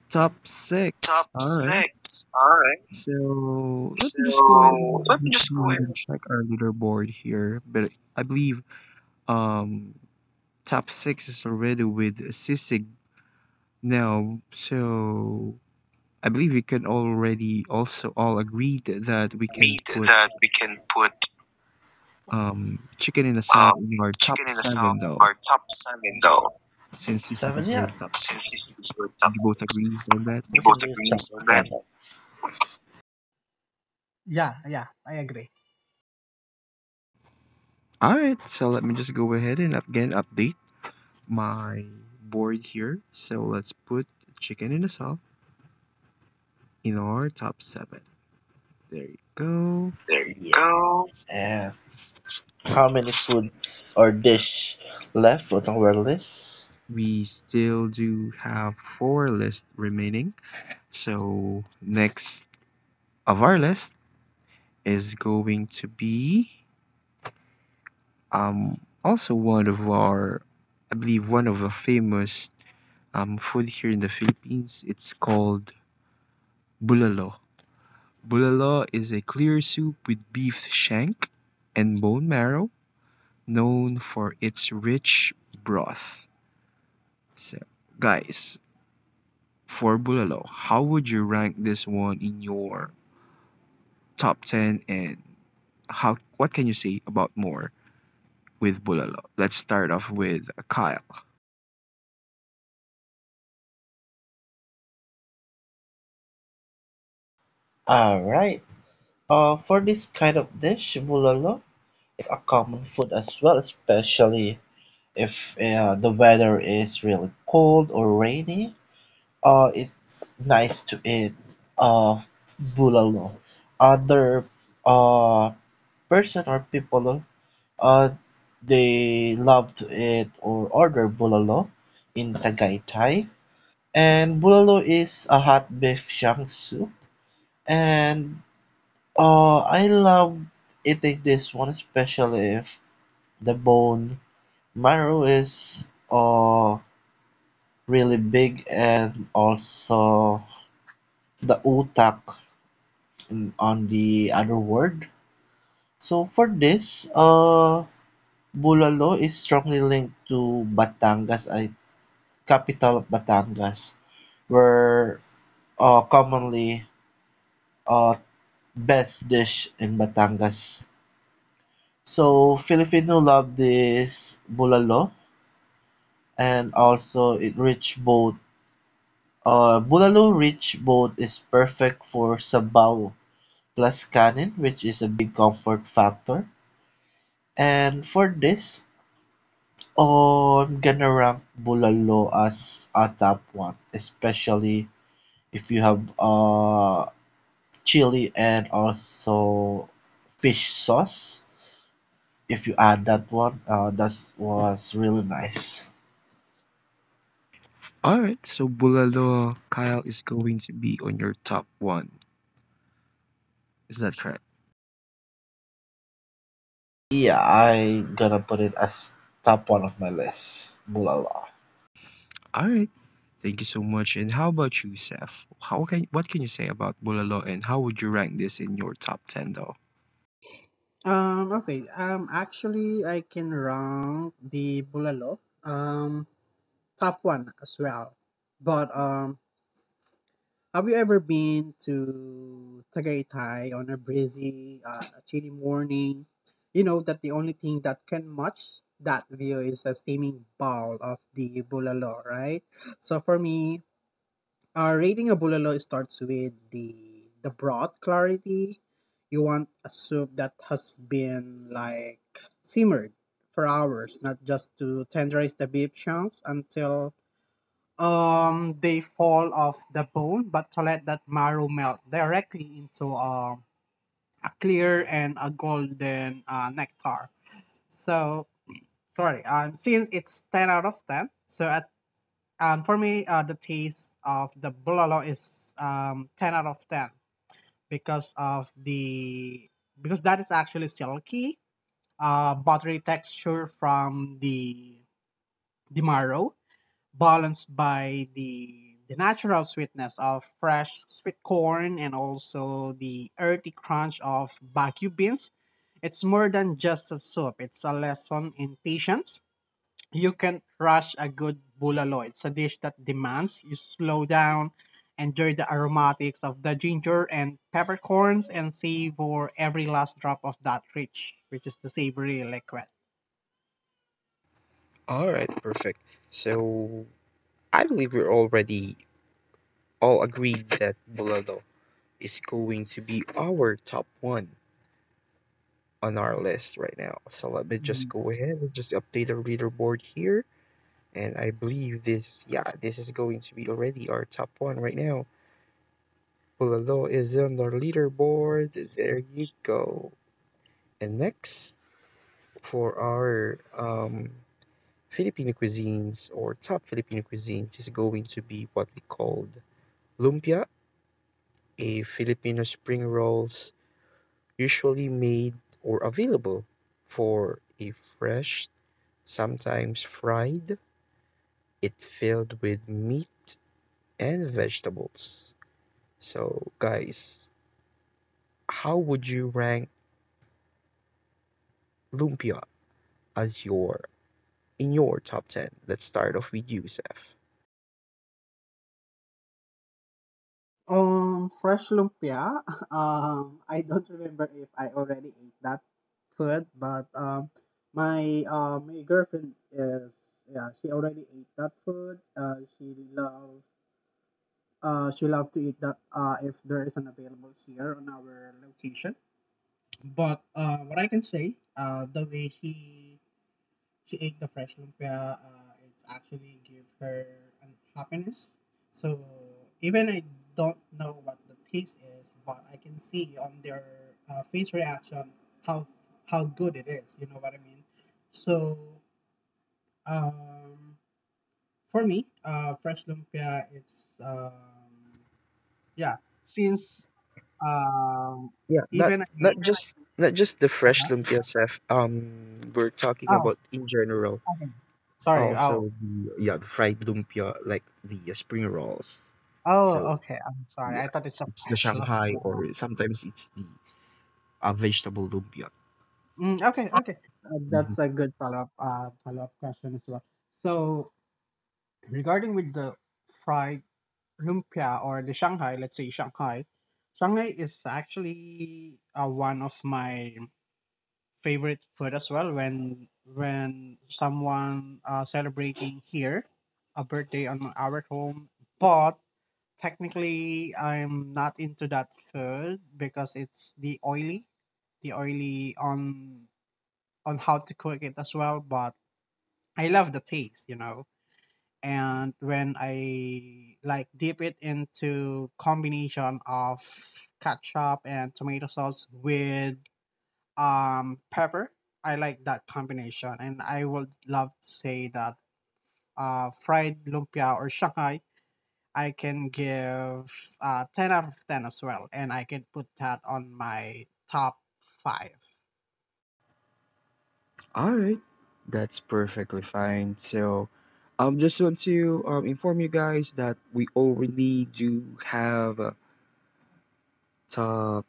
[SPEAKER 1] Top six.
[SPEAKER 2] Top
[SPEAKER 1] All right.
[SPEAKER 2] six. All right.
[SPEAKER 1] So let me just
[SPEAKER 2] So let me just
[SPEAKER 1] go
[SPEAKER 2] go
[SPEAKER 1] ahead
[SPEAKER 2] ahead
[SPEAKER 1] and
[SPEAKER 2] and
[SPEAKER 1] check our leaderboard here. But I believe um top six is already with Sisig now. So I believe we can already also all agree that we can
[SPEAKER 2] read
[SPEAKER 1] put
[SPEAKER 2] that we can put
[SPEAKER 1] chicken in a salad
[SPEAKER 2] um,
[SPEAKER 1] in our top
[SPEAKER 2] chicken in the south
[SPEAKER 1] seven,
[SPEAKER 2] or
[SPEAKER 1] though,
[SPEAKER 2] top seven though.
[SPEAKER 1] since sisig
[SPEAKER 2] Seven,
[SPEAKER 1] is our
[SPEAKER 2] yeah.
[SPEAKER 1] top
[SPEAKER 2] Since this
[SPEAKER 1] six.
[SPEAKER 2] is your top
[SPEAKER 1] You both
[SPEAKER 2] six,
[SPEAKER 1] agree on that?
[SPEAKER 2] you go to green top seven.
[SPEAKER 3] yeah, yeah, I agree.
[SPEAKER 1] All right, so let me just go ahead and again update my board here. So let's put chicken in a salad in our top seven. There you go.
[SPEAKER 2] There you, yes, go. And how many foods or dish left on our list?
[SPEAKER 1] We still do have four lists remaining. So next of our list is going to be also one of our, I believe one of the famous food here in the Philippines. It's called bulalo. Bulalo is a clear soup with beef shank and bone marrow, known for its rich broth. So, guys, for bulalo, how would you rank this one in your top ten, and how what can you say about more with bulalo? Let's start off with Kyle.
[SPEAKER 2] Alright. For this kind of dish, bulalo is a common food as well, especially if the weather is really cold or rainy, it's nice to eat uh, bulalo. Other uh, person or people uh, they love to eat or order bulalo in Tagaytay. And bulalo is a hot beef shank soup. And I love eating this one, especially if the bone marrow is really big and also the utak in, on the other word. So for this, Bulalo is strongly linked to Batangas, a capital of Batangas, where commonly uh, best dish in Batangas. So Filipino love this Bulalo and also it rich both. Bulalo rich both is perfect for sabaw plus Canon, which is a big comfort factor. And for this, oh, I'm gonna rank Bulalo as a top one, especially if you have chili and also fish sauce. If you add that one, that was really nice.
[SPEAKER 1] All right, so Bulalo Kyle is going to be on your top one. Is that correct?
[SPEAKER 2] Yeah, I'm gonna put it as top one of my list, Bulalo.
[SPEAKER 1] All right, thank you so much. And how about you, Seth? How can what can you say about Bulalo, and how would you rank this in your top ten, though?
[SPEAKER 3] Okay. Actually, I can rank the bulalo um top one as well, but have you ever been to Tagaytay on a breezy, chilly morning? You know that the only thing that can match that view is a steaming bowl of the bulalo, right? So for me, rating a bulalo starts with the broad clarity. You want a soup that has been like simmered for hours, not just to tenderize the beef chunks until they fall off the bone, but to let that marrow melt directly into a clear and a golden nectar. So sorry um Since it's 10 out of 10, so at for me the taste of the bulalo is 10 out of 10 because of the because that is actually silky, buttery texture from the marrow, balanced by the natural sweetness of fresh sweet corn, and also the earthy crunch of baku beans. It's more than just a soup. It's a lesson in patience. You can't rush a good bulalo. It's a dish that demands you slow down, enjoy the aromatics of the ginger and peppercorns, and savor every last drop of that rich, which is the savory liquid.
[SPEAKER 1] All right, perfect. So I believe we're already all agreed that Bulalo is going to be our top one on our list right now. So let me just
[SPEAKER 3] Mm.
[SPEAKER 1] go ahead and just update our leaderboard here. And I believe this is going to be already our top one right now. Pulalo is on our leaderboard. There you go. And next for our Filipino cuisines or top Filipino cuisines is going to be what we called lumpia, a Filipino spring rolls usually made or available for a fresh, sometimes fried, it filled with meat and vegetables. So guys, how would you rank lumpia as your in your top 10? Let's start off with you, Seth.
[SPEAKER 3] Fresh lumpia. (laughs) I don't remember if I already ate that food, but my girlfriend is yeah, she already ate that food. She love to eat that if there is an available here on our location. But what I can say, the way she ate the fresh lumpia, it's actually give her an happiness. So even I don't know what the taste is, but I can see on their face reaction how good it is. You know what I mean? So um, for me, fresh lumpia, it's yeah. Since um,
[SPEAKER 1] Yeah, not
[SPEAKER 3] even I
[SPEAKER 1] not just not just the fresh
[SPEAKER 3] uh
[SPEAKER 1] lumpia Seth. We're talking
[SPEAKER 3] oh
[SPEAKER 1] about in general.
[SPEAKER 3] okay sorry,
[SPEAKER 1] Also
[SPEAKER 3] oh
[SPEAKER 1] the yeah the fried lumpia like the spring rolls. So
[SPEAKER 3] oh okay, I'm sorry, I
[SPEAKER 1] yeah,
[SPEAKER 3] thought it's a
[SPEAKER 1] it's
[SPEAKER 3] (laughs)
[SPEAKER 1] the
[SPEAKER 3] fresh
[SPEAKER 1] Shanghai or
[SPEAKER 3] lumpia.
[SPEAKER 1] sometimes it's the vegetable lumpia.
[SPEAKER 3] Mm, okay, okay.
[SPEAKER 1] Mhm.
[SPEAKER 3] That's a good follow-up question as well. So regarding with the fried lumpia or the Shanghai, let's say Shanghai is actually one of my favorite food as well when someone celebrating here a birthday on our home. But technically, I'm not into that food because it's the oily, on how to cook it as well, but I love the taste, you know. And when I like dip it into combination of ketchup and tomato sauce with pepper, I like that combination. And I would love to say that fried lumpia or Shanghai, I can give 10 out of 10 as well, and I can put that on my top five.
[SPEAKER 1] All right, that's perfectly fine. So, just want to inform you guys that we already do have a top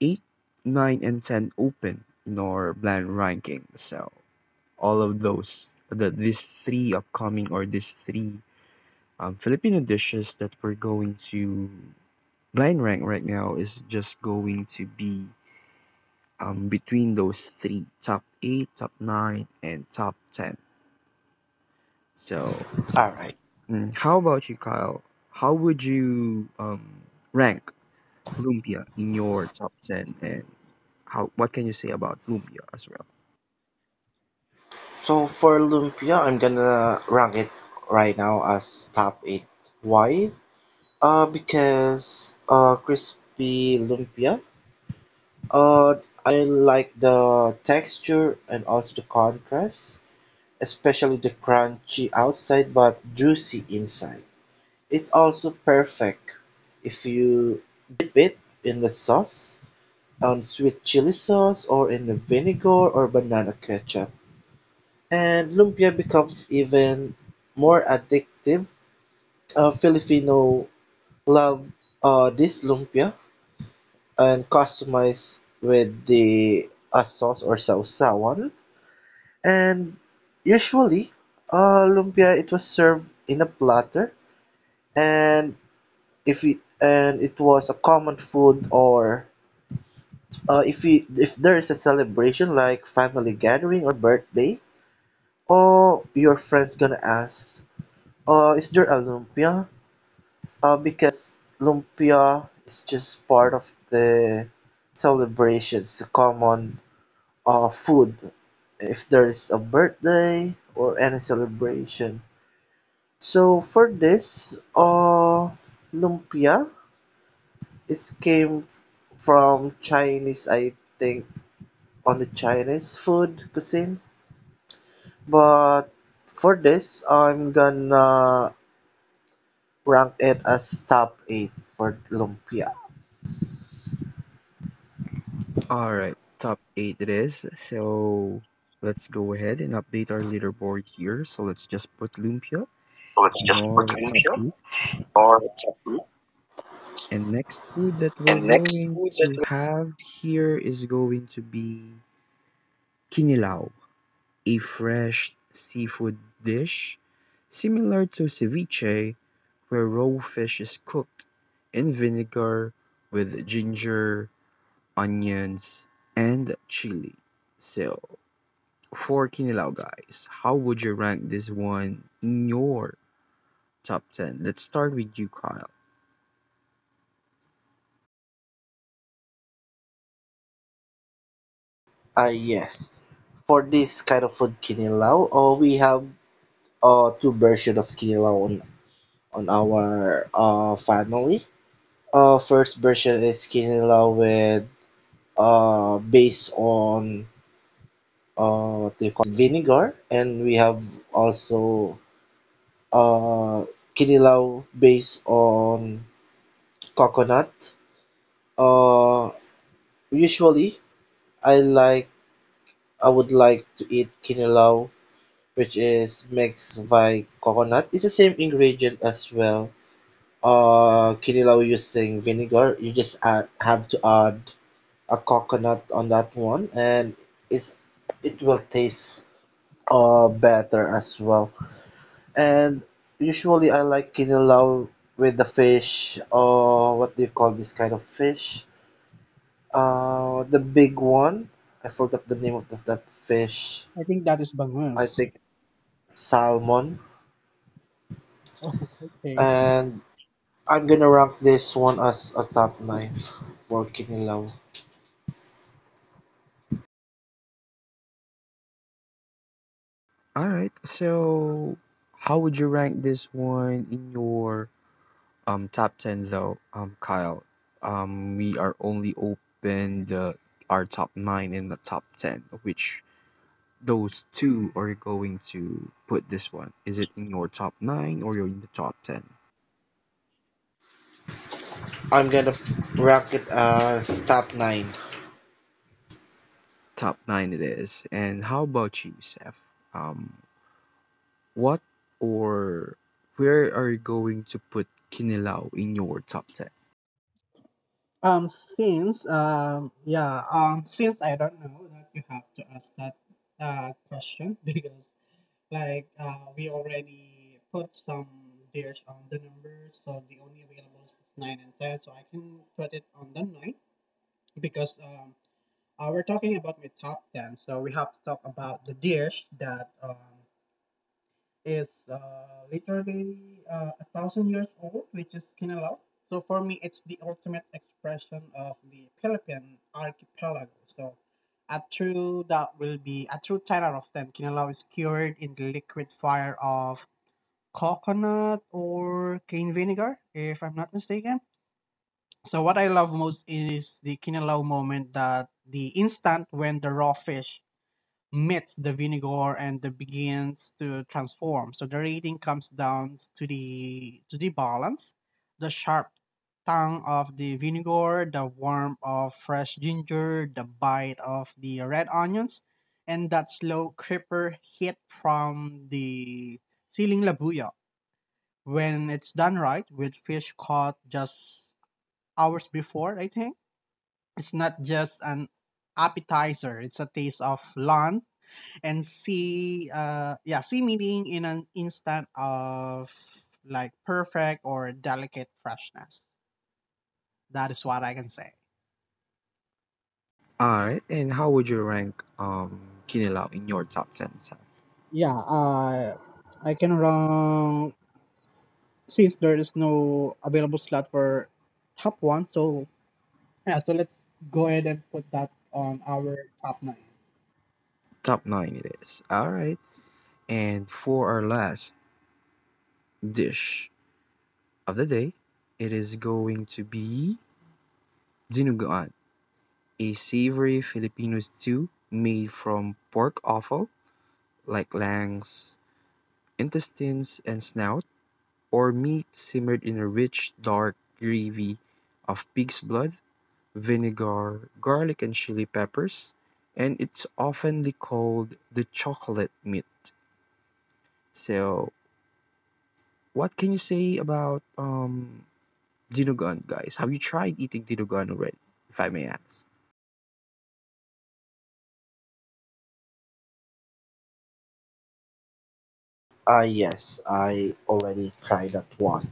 [SPEAKER 1] 8, 9, and 10 open in our blind ranking. So all of those, these three upcoming or these three Filipino dishes that we're going to blind rank right now is just going to be between those three top 8, top 9, and top 10. So,
[SPEAKER 2] Alright,
[SPEAKER 1] how about you, Kyle? How would you rank lumpia in your top 10 and how what can you say about lumpia as well?
[SPEAKER 2] so for Lumpia, I'm gonna rank it right now as top 8. Why? Because crispy lumpia. Uh, I like the texture and also the contrast, especially the crunchy outside but juicy inside. It's also perfect if you dip it in the sauce, on sweet chili sauce, or in the vinegar or banana ketchup. And lumpia becomes even more addictive. Filipino love this lumpia and customize with the sauce or sausawan. And usually, lumpia it was served in a platter, and if we, and it was a common food or if there is a celebration like family gathering or birthday, or your friends gonna ask, is there a lumpia? Because lumpia is just part of the celebrations, a common food if there is a birthday or any celebration. So for this, lumpia, it came from Chinese, I think, on the Chinese food cuisine. But for this, I'm gonna rank it as top eight for lumpia.
[SPEAKER 1] All right, top eight it is. So let's go ahead and update our leaderboard here. So let's just put lumpia
[SPEAKER 2] So it's
[SPEAKER 1] in
[SPEAKER 2] just for
[SPEAKER 1] our top
[SPEAKER 2] lumpia
[SPEAKER 1] eight.
[SPEAKER 2] or top group.
[SPEAKER 1] And next food that we're
[SPEAKER 2] And next
[SPEAKER 1] going
[SPEAKER 2] food that
[SPEAKER 1] to
[SPEAKER 2] we,
[SPEAKER 1] have here is going to be kinilaw, a fresh seafood dish similar to ceviche, where raw fish is cooked in vinegar with ginger, onions, and chili. So for Kinilaw guys, how would you rank this one in your top 10? Let's start with you, Kyle.
[SPEAKER 2] Yes, for this kind of food kinilaw, oh, we have two version of Kinilaw on our family. First version is Kinilaw with based on what they call it vinegar, and we have also uh Kinilaw based on coconut. Uh Usually I like I would like to eat Kinilaw which is mixed by coconut. It's the same ingredient as well. Kinilaw using vinegar. You just have to add a coconut on that one, and it's it will taste better as well. And usually I like kinilaw with the fish. What do you call this kind of fish? The big one. I forgot the name of that fish.
[SPEAKER 3] I think that is
[SPEAKER 2] I
[SPEAKER 3] bangus.
[SPEAKER 2] think it's salmon.
[SPEAKER 3] (laughs) Okay.
[SPEAKER 2] And I'm gonna rank this one as a top nine for kinilaw.
[SPEAKER 1] All right. So, how would you rank this one in your top 10 though, Kyle? We are only open the our top 9 and the top 10, of which those two are you going to put this one. Is it in your top 9 or you're in the top 10?
[SPEAKER 2] I'm gonna rank it as top nine.
[SPEAKER 1] Top 9 it is. And how about you, Seth? Um What or where are you going to put Kinilaw in your top 10?
[SPEAKER 3] Since yeah, since I don't know that you have to ask that question (laughs) because like we already put some dares on the numbers, so the only available is nine and ten, so I can put it on the nine because we're talking about my top ten, so we have to talk about the dares that is literally a thousand years old, which is Kinilaw. So for me, it's the ultimate expression of the Philippine archipelago. So a true that will be a true ten out of ten. Kinilaw is cured in the liquid fire of coconut or cane vinegar, if I'm not mistaken. So what I love most is the Kinilaw moment, that the instant when the raw fish meets the vinegar and the begins to transform. So the rating comes down to the balance, the sharp tongue of the vinegar, the warmth of fresh ginger, the bite of the red onions, and that slow creeper hit from the siling labuyo. When it's done right with fish caught just hours before, I think it's not just an appetizer, it's a taste of lunch and see yeah, see meaning in an instant of like perfect or delicate freshness. That is what I can say.
[SPEAKER 1] All right. And how would you rank Kinilaw in your top 10? Saf?
[SPEAKER 3] Yeah, I can run since there is no available slot for top one. So yeah, so let's go ahead and put that on our top nine.
[SPEAKER 1] Top 9 it is. All right. And for our last dish of the day, it is going to be dinuguan, a savory Filipino stew made from pork offal like langs, intestines, and snout, or meat simmered in a rich, dark gravy of pig's blood, vinegar, garlic, and chili peppers, and it's oftenly called the chocolate meat. So, what can you say about dinuguan, guys? Have you tried eating dinuguan already, if I may ask?
[SPEAKER 2] Yes, I already tried that one.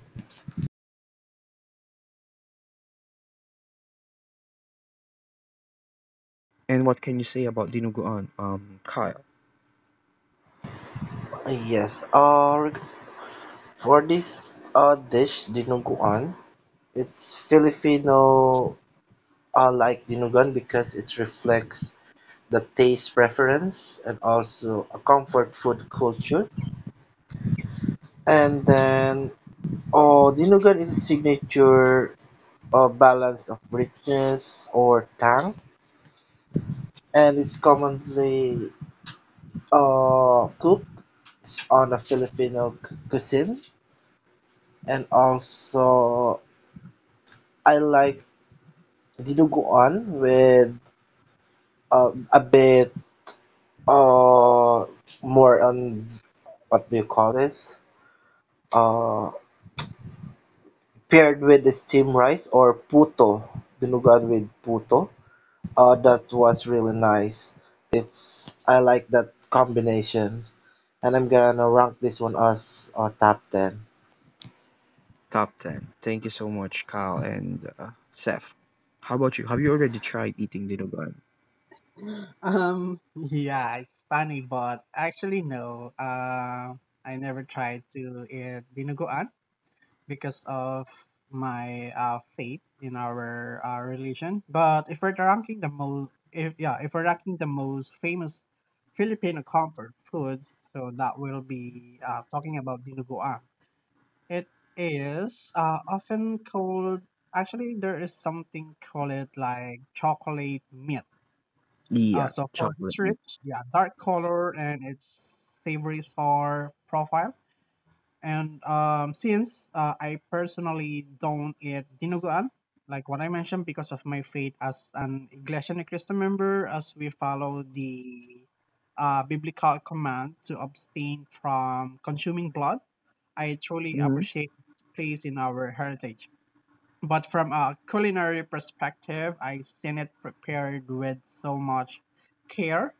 [SPEAKER 1] And what can you say about dinuguan, Kyle?
[SPEAKER 2] Yes, for this dish, dinuguan, it's Filipino like dinuguan because it reflects the taste preference and also a comfort food culture. And then, oh, dinuguan is a signature balance of richness or tang, and it's commonly cook on a Filipino cuisine, and also I like dinuguan with a bit uh more on what do you call this? Uh, Paired with the steamed rice or puto, dinuguan with puto. That was really nice. It's I like that combination, and I'm gonna rank this one as top 10.
[SPEAKER 1] Top 10. Thank you so much, Kyle and Seth. How about you? Have you already tried eating dinuguan?
[SPEAKER 3] (gasps) um yeah, it's funny, but actually no, I never tried to eat dinuguan because of my faith in our religion. But if we're ranking the most, if yeah, if we're ranking the most famous Filipino comfort foods, so that will be talking about dinuguan. It is often called, actually, there is something called it like chocolate meat,
[SPEAKER 1] Yeah,
[SPEAKER 3] so for its
[SPEAKER 1] chocolate meat.
[SPEAKER 3] rich, yeah, dark color and its savory sour profile. And since I personally don't eat dinuguan, like what I mentioned, because of my faith as an Iglesia Ni Cristo member, as we follow the biblical command to abstain from consuming blood, I truly
[SPEAKER 1] Mhm.
[SPEAKER 3] appreciate its place in our heritage. But from a culinary perspective, I've seen it prepared with so much care,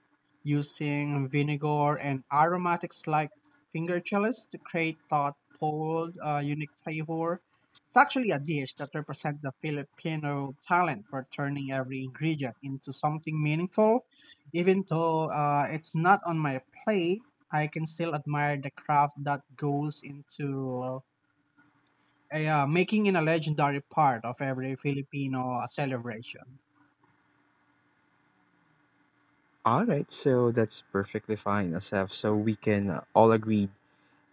[SPEAKER 3] using vinegar and aromatics like finger chilies to create that bold, unique flavor. It's actually a dish that represents the Filipino talent for turning every ingredient into something meaningful. Even though it's not on my plate, I can still admire the craft that goes into yeah, making it a legendary part of every Filipino celebration.
[SPEAKER 1] All right, so that's perfectly fine, Asaf. So we can all agree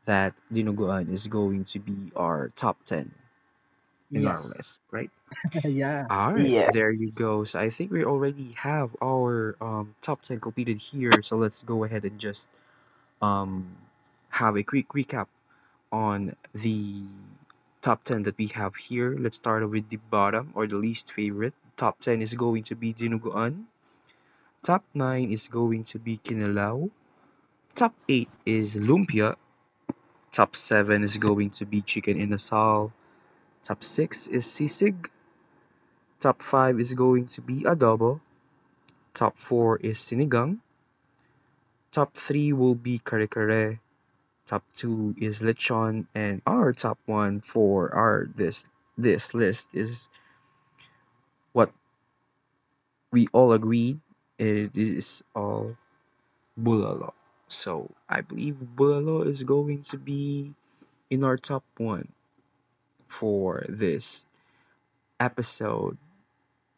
[SPEAKER 1] that dinuguan is going to be our top 10 in our
[SPEAKER 3] Yes.
[SPEAKER 1] list, right?
[SPEAKER 3] (laughs) Yeah.
[SPEAKER 1] All right,
[SPEAKER 2] Yeah.
[SPEAKER 1] there you go. So I think we already have our top 10 completed here. So let's go ahead and just um, have a quick recap on the top 10 that we have here. Let's start with the bottom or the least favorite. Top 10 is going to be dinuguan. Top 9 is going to be Kinilaw. Top 8 is Lumpia. Top 7 is going to be Chicken inasal. Top 6 is sisig. Top 5 is going to be adobo. Top 4 is sinigang. Top 3 will be kare kare. Top 2 is lechon and our top 1 for our this list is what we all agreed it is all bulalo. So, I believe bulalo is going to be in our top 1 for this episode.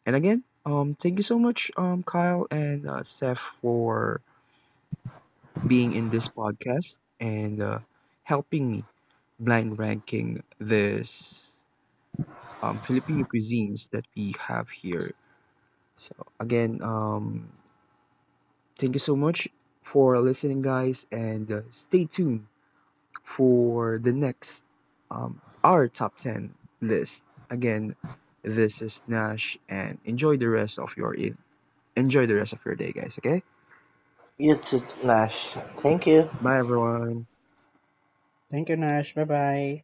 [SPEAKER 1] And again, thank you so much, Kyle and Seth for being in this podcast and helping me blind ranking this Filipino cuisines that we have here. So again, thank you so much for listening, guys, and stay tuned for the next our top ten list. Again, this is Nash, and enjoy the rest of your enjoy the rest of your day, guys. Okay,
[SPEAKER 2] You too, Nash. Thank you.
[SPEAKER 1] bye everyone.
[SPEAKER 3] Thank you, Nash. Bye bye.